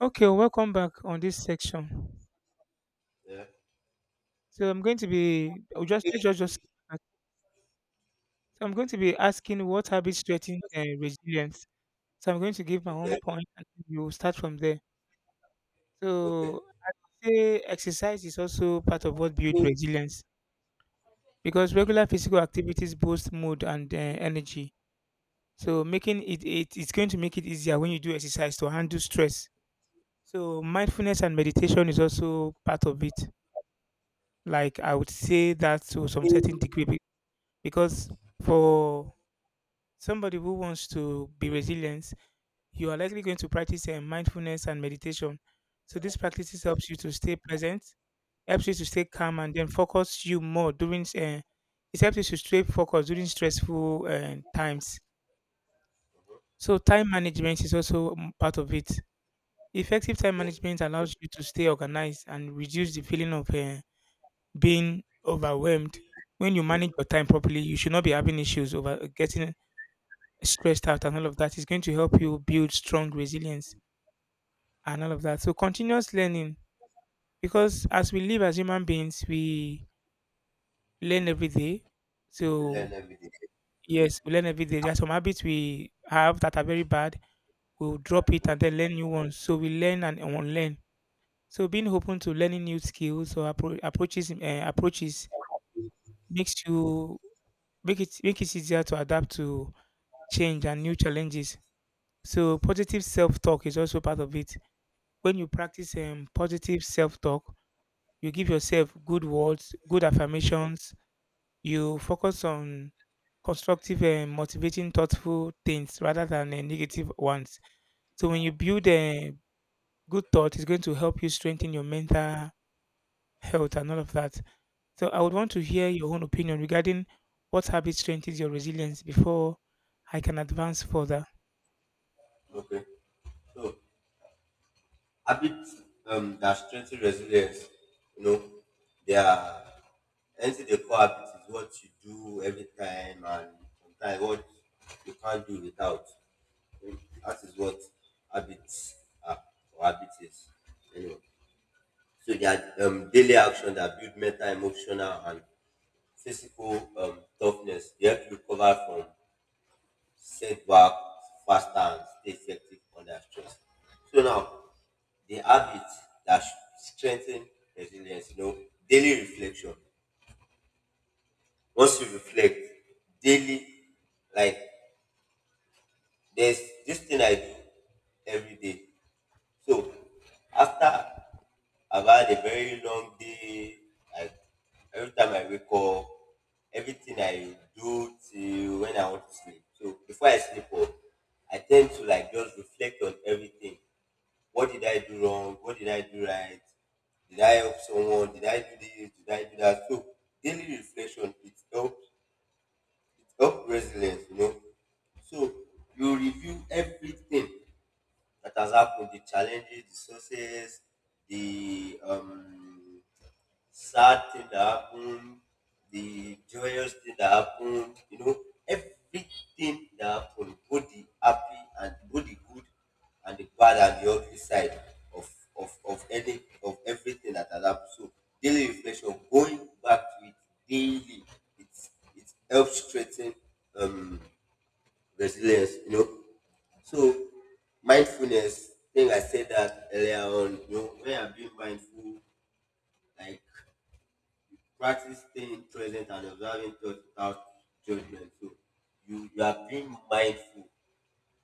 Okay, well, welcome back on this section. Yeah. So I'm going to be oh, just let's just start. So I'm going to be asking what habits threaten resilience. So I'm going to give my own Okay. point, and you start from there. Okay. So say exercise is also part of what builds resilience because regular physical activities boost mood and energy. So making it's going to make it easier when you do exercise to handle stress. So mindfulness and meditation is also part of it, like I would say that to some certain degree, because for somebody who wants to be resilient, you are likely going to practice mindfulness and meditation. So these practices helps you to stay present, helps you to stay calm and then focus you more during it helps you to stay focused during stressful times. So time management is also part of it. Effective time Okay. management allows you to stay organized and reduce the feeling of being overwhelmed. When you manage your time properly, you should not be having issues over getting stressed out, and all of that is going to help you build strong resilience and all of that. So continuous learning, because as we live as human beings, we learn every day. Learn So every day. yes, we learn every day. There are some habits we have that are very bad. We'll drop it Mhm. and then learn new ones. So we learn and unlearn. So being open to learning new skills or approaches makes you make it easier to adapt to change and new challenges. So positive self talk is also part of it. When you practice positive self talk, you give yourself good words, good affirmations, you focus on constructive and motivating, thoughtful things rather than negative ones. So when you build a good thought, it's going to help you strengthen your mental health and all of that. So I would want to hear your own opinion regarding what habit strengthens your resilience before I can advance further. Okay. So habits that strengthen resilience, you know, they are anything they call habits is what you do every time and sometimes what you can't do without. Mm, That is what habits are, or habit is, anyway. So they are daily action that build mental, emotional and physical toughness. They help you recover from setback faster and stay effective under stress. So now, the habits that strengthen resilience, you know, daily reflection. Once you reflect daily, like there's this thing I do every day. So after I've had a very long day. Like every time I wake up, everything I do till when I want to sleep. So before I sleep off, I tend to like just reflect on everything. What did I do wrong? What did I do right? Did I help someone? Did I do this? Did I do that? So daily reflection, it helps resilience, you know. So you review everything that has happened, the challenges, the success, the sad thing that happened, the joyous thing that happened, you know, everything that happened, both the happy and both the good and the bad and the ugly side of of any of everything that had happened. So daily reflection, going back to it daily, it it helps strengthen um resilience, you know. So mindfulness, I think I said that earlier on, you know, when I'm being mindful, like practice staying present and observing thoughts without judgment. So you are being mindful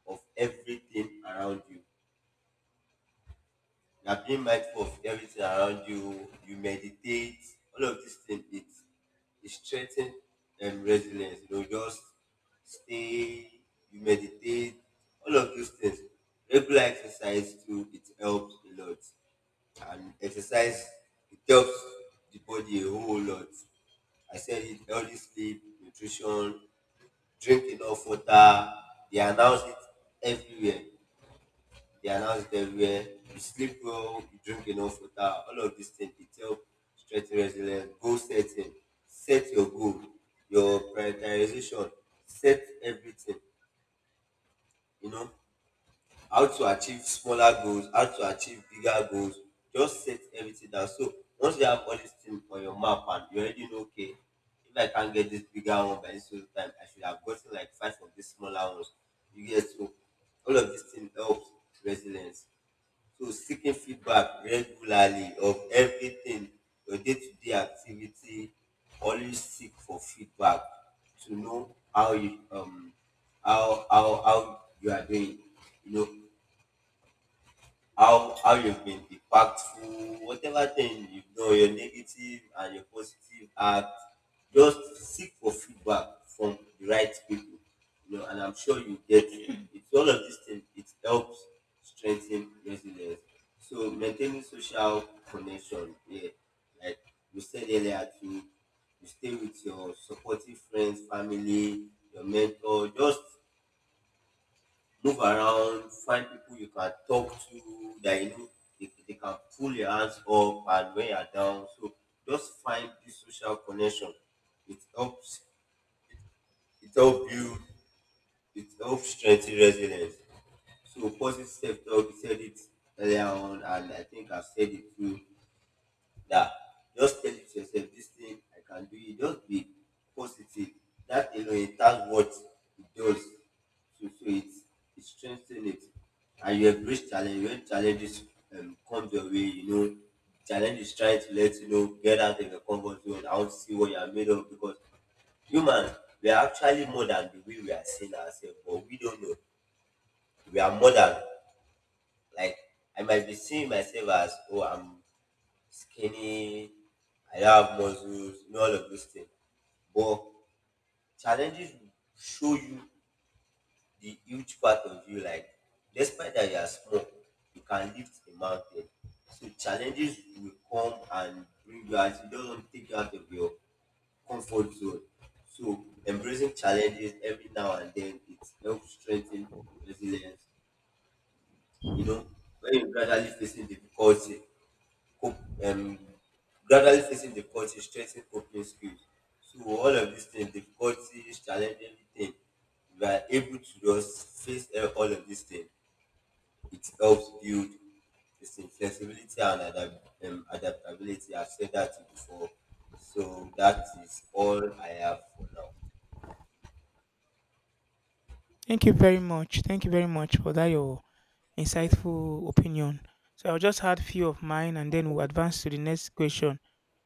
of everything around you. You are being mindful of everything around you. You meditate. All of these things, it strengthens resilience. You know, just stay. You meditate. All of these things. Regular exercise too. It helps a lot, and exercise it helps the body a whole lot. I said it, healthy sleep, nutrition, drink enough water. They announce it everywhere. They announce it everywhere. You sleep well, you drink enough water, all of these things it help strengthen resilience. Goal setting, set your goal, your prioritization, set everything, you know. How to achieve smaller goals, how to achieve bigger goals. Just set everything down. So once you have all these things on your map and you already know, okay, if I can't get this bigger one by this whole time, I should have gotten like five of these smaller ones. You get, so all of these things help resilience. So seeking feedback regularly of everything, your day-to-day activity, always seek for feedback to know how you how you are doing. You know, how you've been impactful, whatever thing you know, your negative and your positive act, just seek for feedback from the right people. You know, and I'm sure you get it. It's all of these things, it helps strengthen resilience. So maintaining social connection, yeah, like we said earlier too, you stay with your supportive friends, family, your mentor, just move around, find people you can talk to that you know they can pull your hands up and when you're down. So just find this social connection. It helps it helps build it helps strengthen resilience. So positive self talk, you said it earlier on and I think I've said it too that just tell it to yourself, this thing I can do it, just be positive. That alone, that's what it does. So it it strengthens it. And you embrace challenge when challenges come your way, you know. Challenge is trying to let you know, get out of your comfort zone. I want to see what you are made of, because human, we are actually more than the way we are seeing ourselves, but we don't know. We are more than, like, I might be seeing myself as, oh, I'm skinny, I don't have muscles, you know, all of those things. But challenges will show you the huge part of you. Like, despite that you are small, you can lift a mountain. So challenges will come and bring you out. It doesn't take you out of your comfort zone. So embracing challenges every now and then, it helps strengthen resilience. You know, when you're gradually facing difficulty, cope, um, gradually facing difficulty, strengthening coping skills. So all of these things, difficulties, challenging things, if you are able to just face all of these things, it helps build this thing, flexibility and adaptability. I've said that before. So that is all I have for now. Thank you very much. Thank you very much for that your insightful opinion. So I'll just add few of mine and then we'll advance to the next question.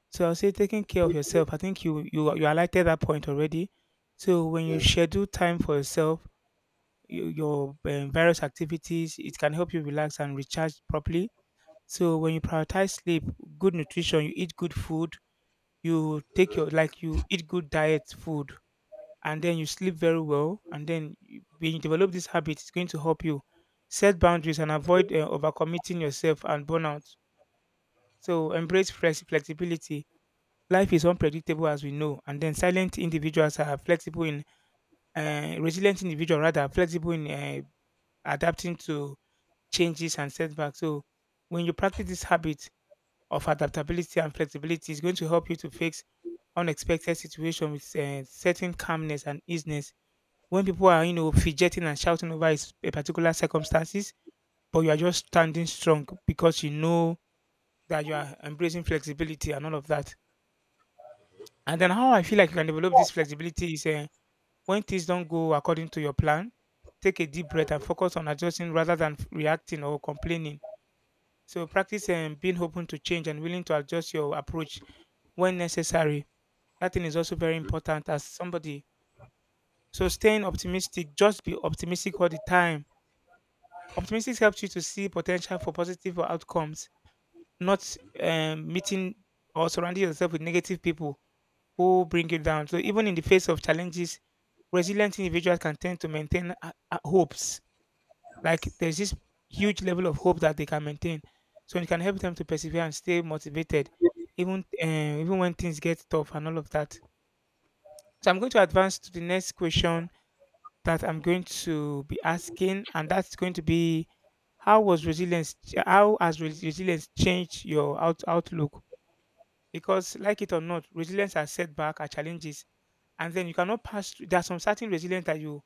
So I'll say taking care of yourself. I think you highlighted that point already. So when you Yes, schedule time for yourself, you, your various activities, it can help you relax and recharge properly. So when you prioritize sleep, good nutrition, you eat good food, you take your, like you eat good diet food and then you sleep very well, and then you, when you develop this habit, it's going to help you set boundaries and avoid overcommitting yourself and burnout. So embrace flexibility. Life is unpredictable as we know, and then silent individuals are flexible in resilient individual rather are flexible in adapting to changes and setbacks. So when you practice this habit of adaptability and flexibility, it's going to help you to fix unexpected situations with certain calmness and easiness. When people are, you know, fidgeting and shouting over a particular circumstances, but you are just standing strong because you know that you are embracing flexibility and all of that. And then how I feel like you can develop this flexibility is when things don't go according to your plan, take a deep breath and focus on adjusting rather than reacting or complaining. So practice being open to change and willing to adjust your approach when necessary. That thing is also very important as somebody. So staying optimistic, just be optimistic all the time. Optimistic helps you to see potential for positive outcomes, not meeting or surrounding yourself with negative people who bring you down. So, even in the face of challenges, resilient individuals can tend to maintain hopes. Like, there's this huge level of hope that they can maintain. So, it can help them to persevere and stay motivated, even, uh, even when things get tough and all of that. So, I'm going to advance to the next question that I'm going to be asking, and that's going to be How has resilience changed your outlook? Because like it or not, resilience are setback, are challenges, and then you cannot pass. Through- There are some certain resilience that you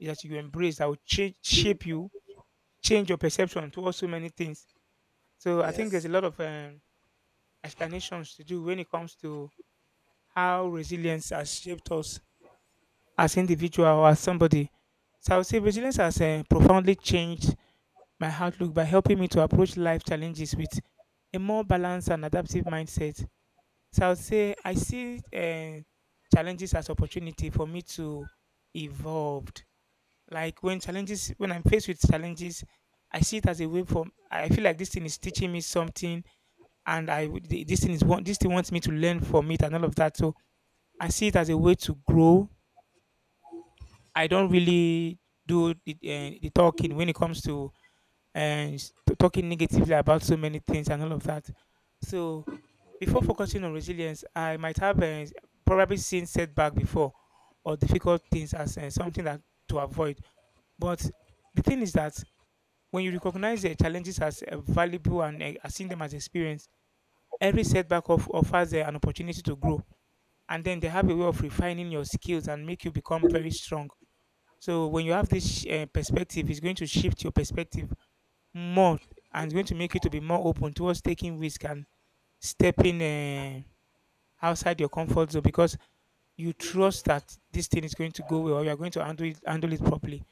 that you embrace that will change, shape you, change your perception towards so many things. So I think there's yes, a lot of explanations to do when it comes to how resilience has shaped us as individual or as somebody. So I would say resilience has profoundly changed my outlook by helping me to approach life challenges with a more balanced and adaptive mindset. So I would say I see challenges as opportunity for me to evolve. Like when challenges, when I'm faced with challenges, I see it as a way for. I feel like this thing is teaching me something, and this thing wants me to learn from it and all of that. So I see it as a way to grow. I don't really do the talking when it comes to talking negatively about so many things and all of that. So before focusing on resilience, I might have probably seen setback before or difficult things as something that to avoid. But the thing is that when you recognize the challenges as valuable and as seeing them as experience, every setback offers an opportunity to grow. And then they have a way of refining your skills and make you become very strong. So when you have this perspective, it's going to shift your perspective more, and it's going to make you to be more open towards taking risk and stepping outside your comfort zone, because you trust that this thing is going to go well or you're going to handle it properly.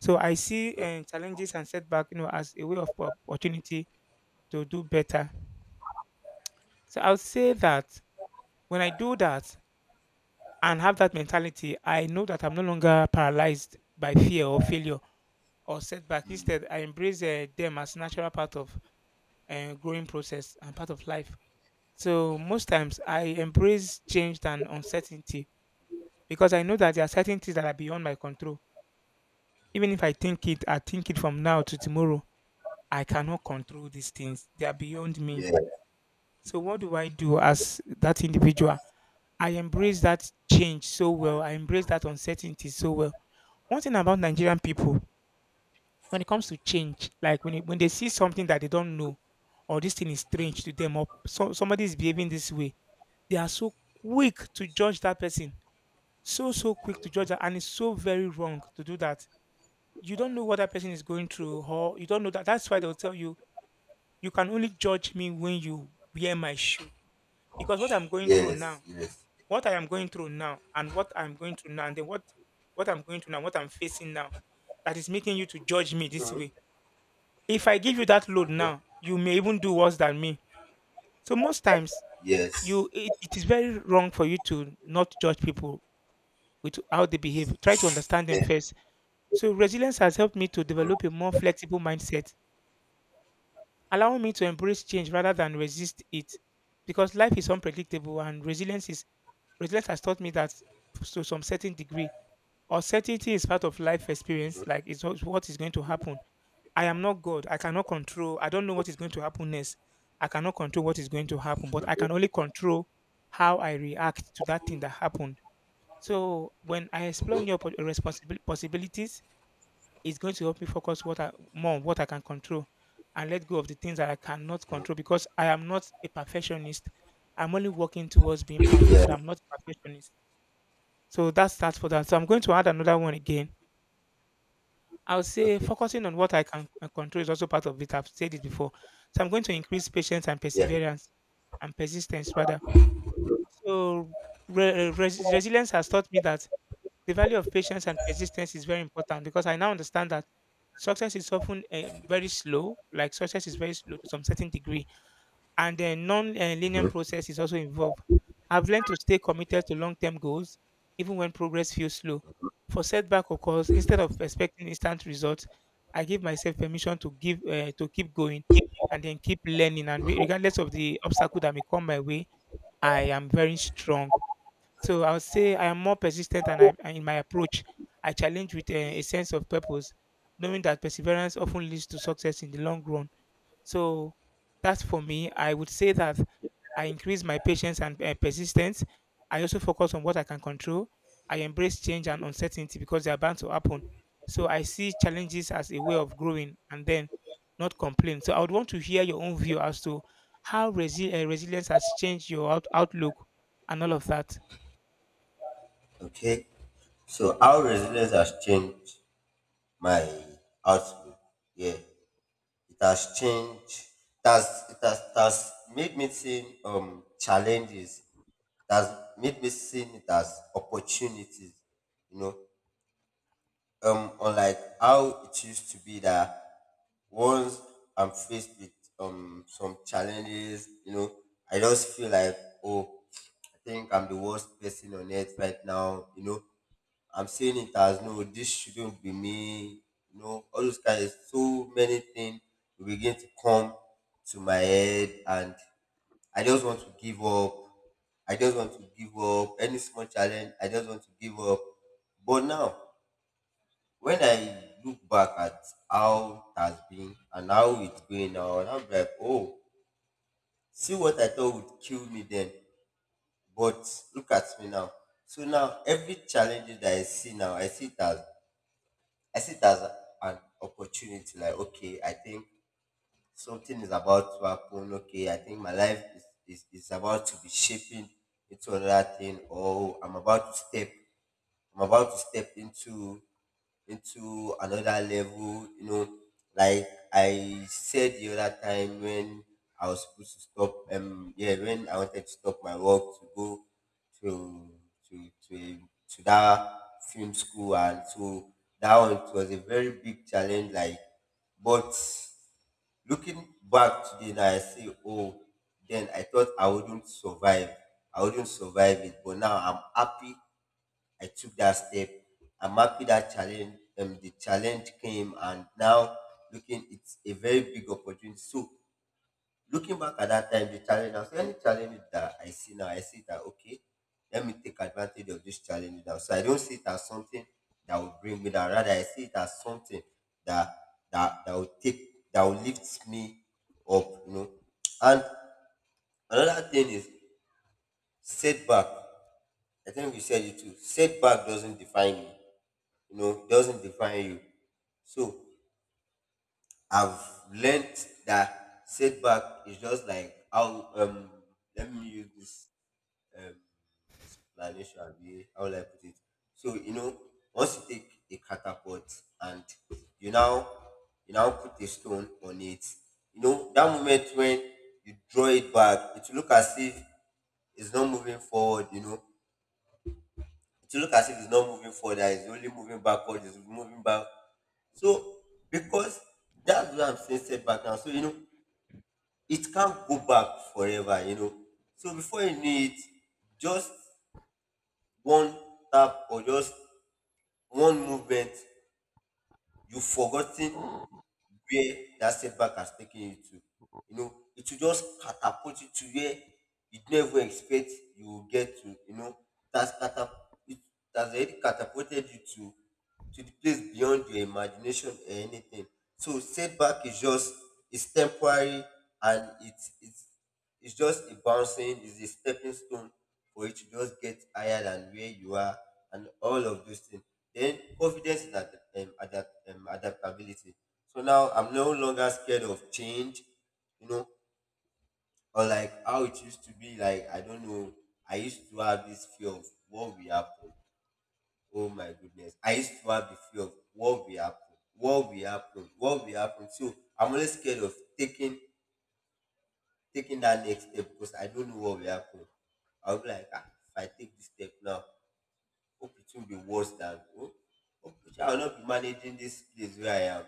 So I see challenges and setback, you know, as a way of opportunity to do better. So I would say that when I do that and have that mentality, I know that I'm no longer paralyzed by fear or failure or setback. Instead I embrace them as natural part of growing process and part of life. So most times I embrace change than uncertainty because I know that there are certain things that are beyond my control. Even if I think it from now to tomorrow, I cannot control these things. They are beyond me. yes, So what do I do as that individual? I embrace that change so well. I embrace that uncertainty so well. One thing about Nigerian people, when it comes to change, like when they see something that they don't know, or this thing is strange to them, or so, somebody is behaving this way, they are so quick to judge that person, so quick to judge that, and it's so very wrong to do that. You don't know what that person is going through, or you don't know that. That's why they'll tell you you can only judge me when you wear my shoe, because what I'm going through yes, now, yes. what I am going through now, and what I'm going through now, and then what I'm going through now, what I'm facing now, that is making you to judge me this Mm-hmm. way. If I give you that load now, you may even do worse than me. So most times, Yes. It is very wrong for you to not judge people with how they behave. Try to understand them Yeah. first. So resilience has helped me to develop a more flexible mindset, allowing me to embrace change rather than resist it. Because life is unpredictable, and resilience has taught me that to some certain degree, uncertainty is part of life experience, like it's what is going to happen. I am not God. I cannot control. I don't know what is going to happen next. I cannot control what is going to happen, but I can only control how I react to that thing that happened. So when I explore Mm-hmm. Possibilities, it's going to help me focus what I more on what I can control and let go of the things that I cannot control, because I am not a perfectionist. I'm only working towards being perfect, but Yes. I'm not a perfectionist. So that's that for that. So I'm going to add another one again. I'll say Okay. focusing on what I can control is also part of it. I've said it before. So I'm going to increase patience and Yeah. perseverance and persistence rather. So resilience has taught me that the value of patience and persistence is very important because I now understand that success is often very slow, like success is very slow to some certain degree, and the non-linear process is also involved. I've learned to stay committed to long-term goals even when progress feels slow. For setback occurs, instead of expecting instant results, I give myself permission to keep going and then keep learning. And regardless of the obstacle that may come my way, I am very strong. So I would say I am more persistent and in my approach. I challenge with a sense of purpose, knowing that perseverance often leads to success in the long run. So that's for me. I would say that I increase my patience and persistence. I also focus on what I can control. I embrace change and uncertainty because they are bound to happen. So I see challenges as a way of growing and then not complain. So I would want to hear your own view as to how resilience has changed your outlook and all of that. Okay. So how resilience has changed my outlook. Yeah. It has changed, it has made me see challenges. It has made me see it as opportunities. You know, unlike how it used to be that once I'm faced with some challenges, you know, I just feel like, oh, I think I'm the worst person on earth right now, you know. I'm saying it as, no, this shouldn't be me, you know, all those kinds, so many things will begin to come to my head and I just want to give up. I just want to give up. Any small challenge, I just want to give up. But now when I look back at how it has been and how it's going now, and I'm like, oh, see what I thought would kill me then. But look at me now. So now every challenge that I see now, I see it as, I see it as an opportunity. Like, okay, I think something is about to happen. Okay, I think my life is about to be shaping into another thing, or I'm about to step. I'm about to step into another level. You know, like I said the other time when I was supposed to stop. Yeah, when I wanted to stop my work to go to to to a, to that film school, and so that one, it was a very big challenge. Like, but looking back today now, I say, oh, then I thought I wouldn't survive it, but now I'm happy I took that step. I'm happy that the challenge came, and now looking, it's a very big opportunity. So looking back at that time, the challenge, now, so any challenge that I see now, I see that, okay, let me take advantage of this challenge now. So I don't see it as something that will bring me down. Rather, I see it as something that that will lift me up, you know. And another thing is setback. I think we said it too. Setback doesn't define me, you know, doesn't define you. So I've learned that setback is just like how, let me use this um explanation, abi, how will I put it? So you know, once you take a catapult and you now you now put a stone on it, you know that moment when you draw it back, it will look as if it's not moving forward, you know, to look as if it's not moving forward, that he's only moving backward, he's moving back. So because that's what I'm saying setback now. So you know, it can't go back forever, you know. So before you know it, just one tap or just one movement, you've forgotten where that setback has taken you to. You know, it will just catapult you to where you never expect you will get to. You know, that's catap- it has already catapulted you to the place beyond your imagination or anything. So setback is just, it's temporary, and it's just a bouncing, it's a stepping stone for you to just get higher than where you are and all of those things. Then confidence and adaptability. So now I'm no longer scared of change, you know, or like how it used to be. Like, I don't know, I used to have this fear of what will happen. Oh my goodness. I used to have the fear of what will happen, what will happen, what will happen. So I'm always scared of taking that next step because I don't know what will happen. I'll be like, ah, if I take this step now, hope it won't be worse than, oh, hope I will not be managing this place where I am.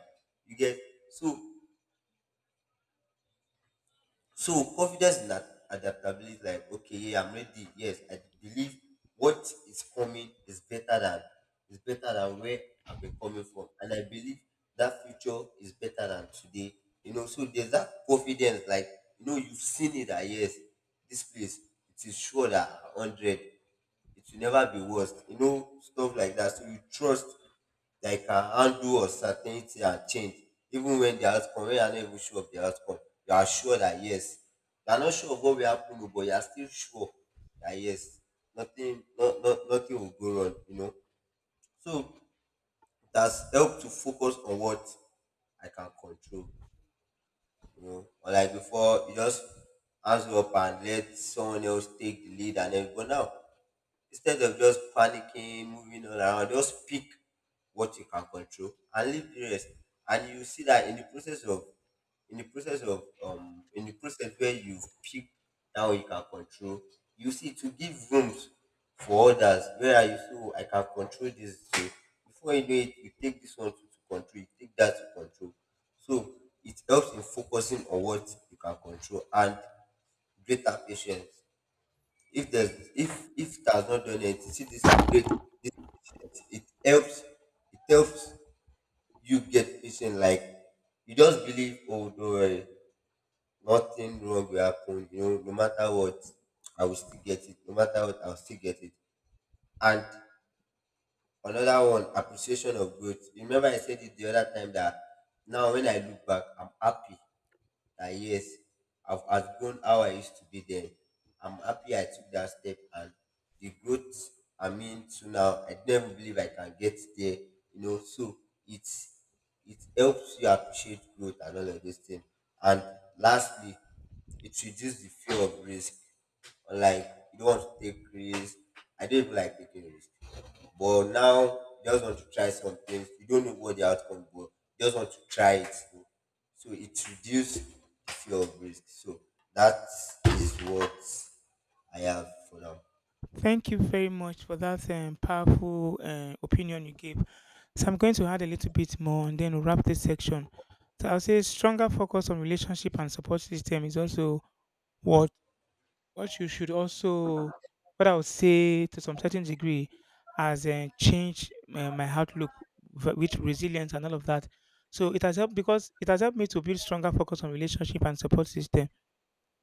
You get, so so confidence in adaptability, like, okay, yeah, I'm ready. Yes, I believe what is coming is better than, is better than where I've been coming from, and I believe that future is better than today. You know, so there's that confidence, like, you know, you've seen it. That, yes, this place, it is sure that hundred, it will never be worse. You know, stuff like that. So you trust. Like can handle uncertainty and change even when the outcome, when you are not even sure of the outcome, you are sure that yes, you are not sure of what will happen o, but you are still sure that yes, nothing, no, no, nothing will go wrong, you know. So it has helped to focus on what I can control, you know, or like before you just hands up and let someone else take the lead and everything, but now instead of just panicking, moving on around, just pick what you can control and leave the rest. And you see that in the process of in the process of in the process where you've picked now you can control, you see to give rooms for others where you, so I can control this. So before you know it, you take this one to control, you take that to control. So it helps in focusing on what you can control. And greater patience, if there's if it has not done anything, see this great this patient, it helps, it helps you get patient, like you just believe, oh don't worry, nothing wrong will happen, you know, no matter what, I will still get it, no matter what, I'll still get it. And another one, appreciation of growth. Remember I said it the other time that now when I look back, I'm happy that yes, I've outgrown how I used to be then. I'm happy I took that step and the growth, I mean, to now, I never believe I can get there. You know, so it's it helps you appreciate growth and all of those things. And lastly, it reduces the fear of risk. Like you don't want to take risk. I don't even like taking risk. But now you just want to try some things. You don't know what the outcome will. You just want to try it. So it reduces the fear of risk. So that is what I have for now. Thank you very much for that powerful opinion you gave. So I'm going to add a little bit more and then we'll wrap this section. So I'll say stronger focus on relationship and support system is also what what you should also what I would say to some certain degree has changed my outlook with resilience and all of that. So it has helped because it has helped me to build stronger focus on relationship and support system.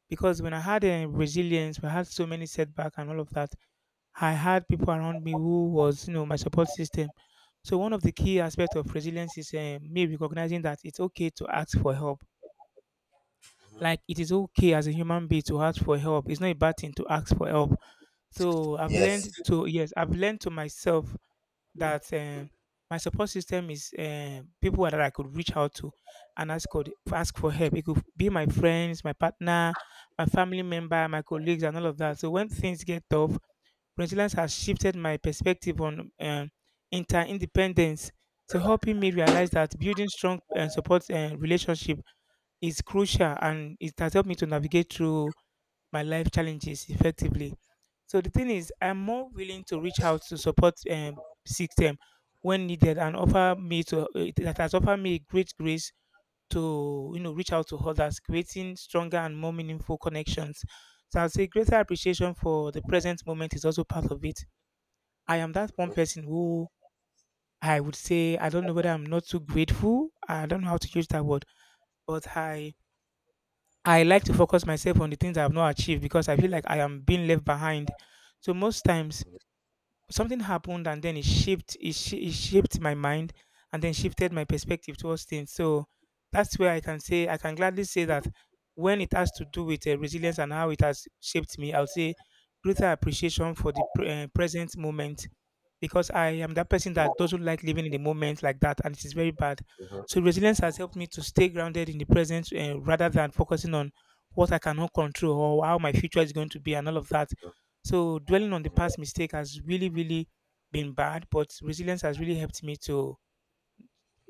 Because when I had resilience, we had so many setbacks and all of that. I had people around me who was, you know, my support system. So one of the key aspects of resilience is me recognizing that it's okay to ask for help. Like it is okay as a human being to ask for help. It's not a bad thing to ask for help. So I've Yes. learned to, yes, I've learned to myself that my support system is people that I could reach out to and ask for, ask for help. It could be my friends, my partner, my family member, my colleagues, and all of that. So when things get tough, resilience has shifted my perspective on inter independence. So helping me realize that building strong and support relationship is crucial, and it has helped me to navigate through my life challenges effectively. So the thing is, I'm more willing to reach out to support system when needed and offer me to that has offered me great grace to, you know, reach out to others, creating stronger and more meaningful connections. So I'll say greater appreciation for the present moment is also part of it. I am that one Mhm. person who I would say, I don't know whether I'm not too grateful. I don't know how to use that word, but I like to focus myself on the things I have not achieved because I feel like I am being left behind. So most times something happened and then it shaped it, it shaped my mind and then shifted my perspective towards things. So that's where I can say, I can gladly say that when it has to do with resilience and how it has shaped me, I'll say greater appreciation for the present moment, because I am that person that doesn't like living in the moment like that, and it is very bad. So resilience has helped me to stay grounded in the present, rather than focusing on what I cannot control or how my future is going to be and all of that. So dwelling on the past mistake has really, really been bad, but resilience has really helped me to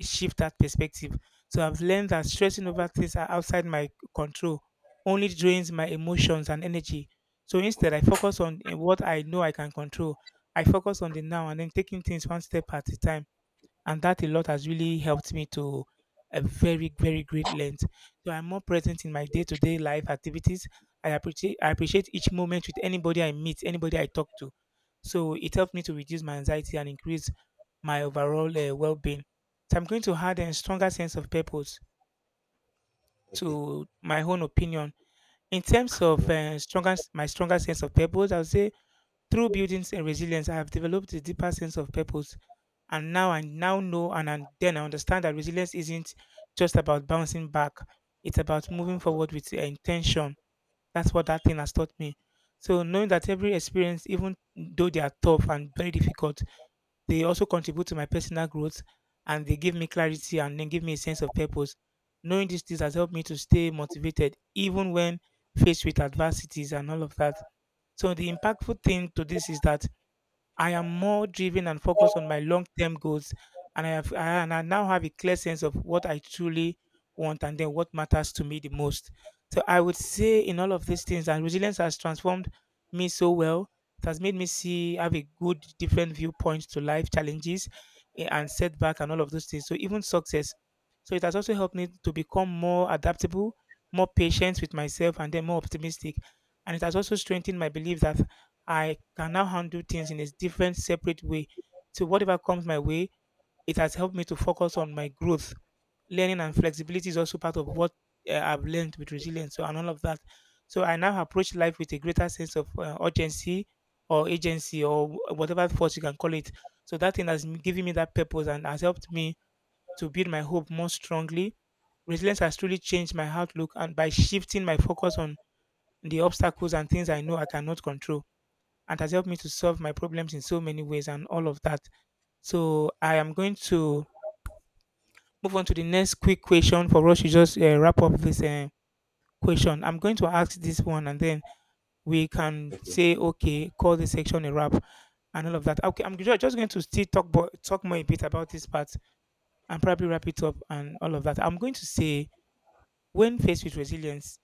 shift that perspective. So I've learned that stressing over things that are outside my control only drains my emotions and energy. So instead, I focus on what I know I can control. I focus on the now and then taking things one step at a time, and that a lot has really helped me to a very, very great length. So I'm more present in my day-to-day life activities. I appreciate each moment with anybody I meet, anybody I talk to. So it helped me to reduce my anxiety and increase my overall well-being. So I'm going to add a stronger sense of purpose Okay. to my own opinion. In terms of Mhm. Stronger sense of purpose, I would say through building resilience, I have developed a deeper sense of purpose, and now I now know and then I understand that resilience isn't just about bouncing back. It's about moving forward with intention. That's what that thing has taught me. So knowing that every experience, even though they are tough and very difficult, they also contribute to my personal growth, and they give me clarity and then give me a sense of purpose. Knowing these things has helped me to stay motivated even when faced with adversities and all of that. So the impactful thing to this is that I am more driven and focused on my long-term goals, and I now have a clear sense of what I truly want and then what matters to me the most. So I would say in all of these things, and resilience has transformed me so well. It has made me see, have a good different viewpoint to life challenges, and setback and all of those things. So even success. So it has also helped me to become more adaptable, more patient with myself, and then more optimistic. And it has also strengthened my belief that I can now handle things in a different, separate way. So whatever comes my way, it has helped me to focus on my growth. Learning and flexibility is also part of what I've learned with resilience so, and all of that. So I now approach life with a greater sense of urgency or agency or whatever force you can call it. So that thing has given me that purpose and has helped me to build my hope more strongly. Resilience has truly changed my outlook and by shifting my focus on the obstacles and things I know I cannot control, and has helped me to solve my problems in so many ways and all of that. So I am going to move on to the next quick question for us to just wrap up this question. I'm going to ask this one and then we can Okay. say, okay, call this section a wrap and all of that. Okay, I'm just going to still talk, talk more a bit about this part and probably wrap it up and all of that. I'm going to say, when faced with resilience,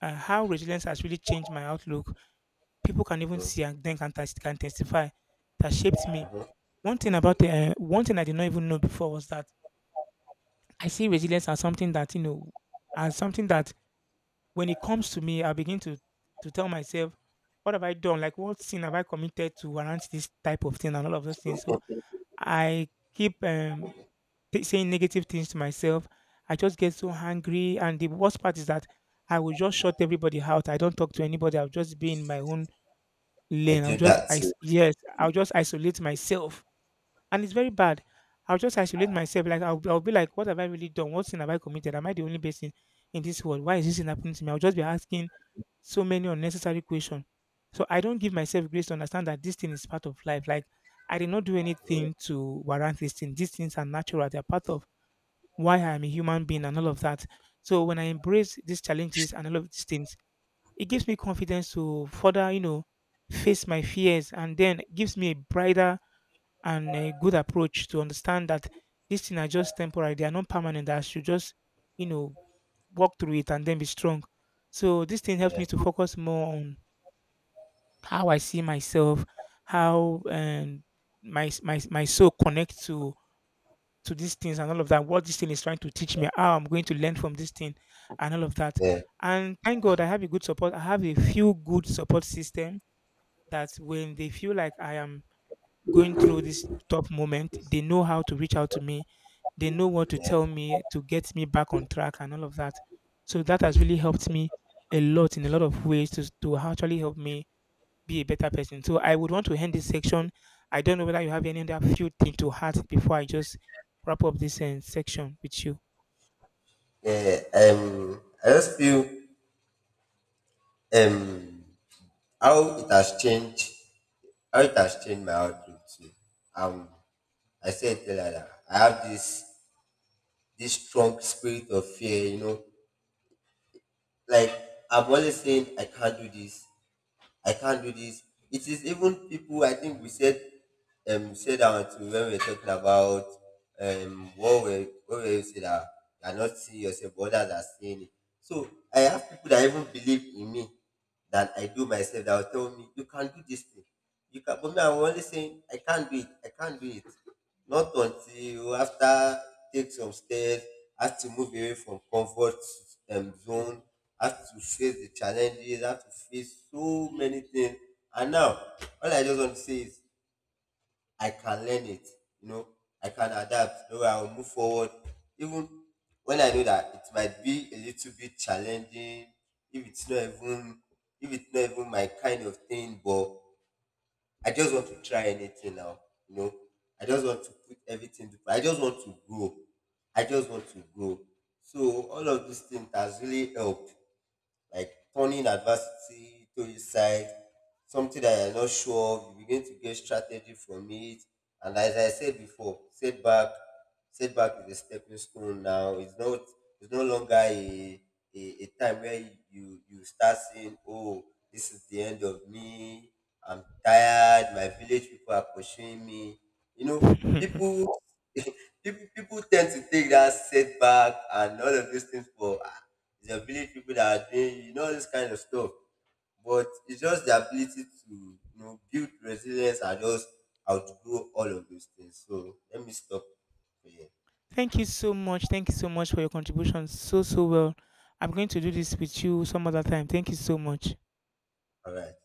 how resilience has really changed my outlook. People can even Mhm. see and then can, test can testify that shaped me. One thing about one thing I did not even know before was that I see resilience as something that, you know, as something that when it comes to me, I begin to tell myself, what have I done? Like, what sin have I committed to warrant this type of thing and all of those things? So I keep saying negative things to myself. I just get so angry, and the worst part is that I will just shut everybody out. I don't talk to anybody. I'll just be in my own I lane. I'll do just that I too. yes, I'll just isolate myself. And it's very bad. I'll just isolate myself. Like, I'll be like, what have I really done? What sin have I committed? Am I the only person in this world? Why is this thing happening to me? I'll just be asking so many unnecessary questions. So I don't give myself grace to understand that this thing is part of life. Like, I did not do anything to warrant this thing. These things are natural. They're part of why I am a human being and all of that. So when I embrace these challenges and all of these things, it gives me confidence to further, you know, face my fears and then gives me a brighter and a good approach to understand that these things are just temporary, they are not permanent. I should just, you know, walk through it and then be strong. So this thing helps Yeah. me to focus more on how I see myself, how and my soul connects to these things and all of that. What this thing is trying to teach me, how I'm going to learn from this thing, and all of that. Yeah. And thank God I have a good support. I have a few good support system that when they feel like I am going through this tough moment, they know how to reach out to me. They know what to Yeah. tell me to get me back on track and all of that. So that has really helped me a lot in a lot of ways to actually help me be a better person. So I would want to end this section. I don't know whether you have any other few thing to add before I just wrap up this section with you. Yeah. I just feel um how it has changed my outlook too. Um. I said earlier that I have this strong spirit of fear. You know, like I'm always saying I can't do this. I can't do this. It is even people, I think we said said that when we were talking about what we say that you are not seeing yourself, but others are seeing it. So I have people that even believe in me that I do myself, that will tell me you can do this thing. You can, but me, I'm only saying I can't do it, I can't do it. Not until after take some steps, has to move away from comfort zone, has to face the challenges, has to face so many things. And now, all I just want to say is, I can learn it. You know, I can adapt. No, I will move forward. Even when I know that it might be a little bit challenging, if it's not even if it's not even my kind of thing, but I just want to try anything now. You know, I just want to put everything to. I just want to grow. I just want to grow. So all of these things has really helped, like turning adversity to his side, something that you're not sure of, you begin to get strategy from it. And as I said before, setback is a stepping stone now. It's not, it's no longer a a time where you start saying, oh, this is the end of me, I'm tired, my village people are pursuing me. You know, people people tend to take that setback and all of those things for, it's the village people that are doing, you know, this kind of stuff. But it's just the ability to, you know, build resilience and just outgrow all of those things. So let me stop here. Thank you so much. Thank you so much for your contribution so, so well. I'm going to do this with you some other time. Thank you so much. All right.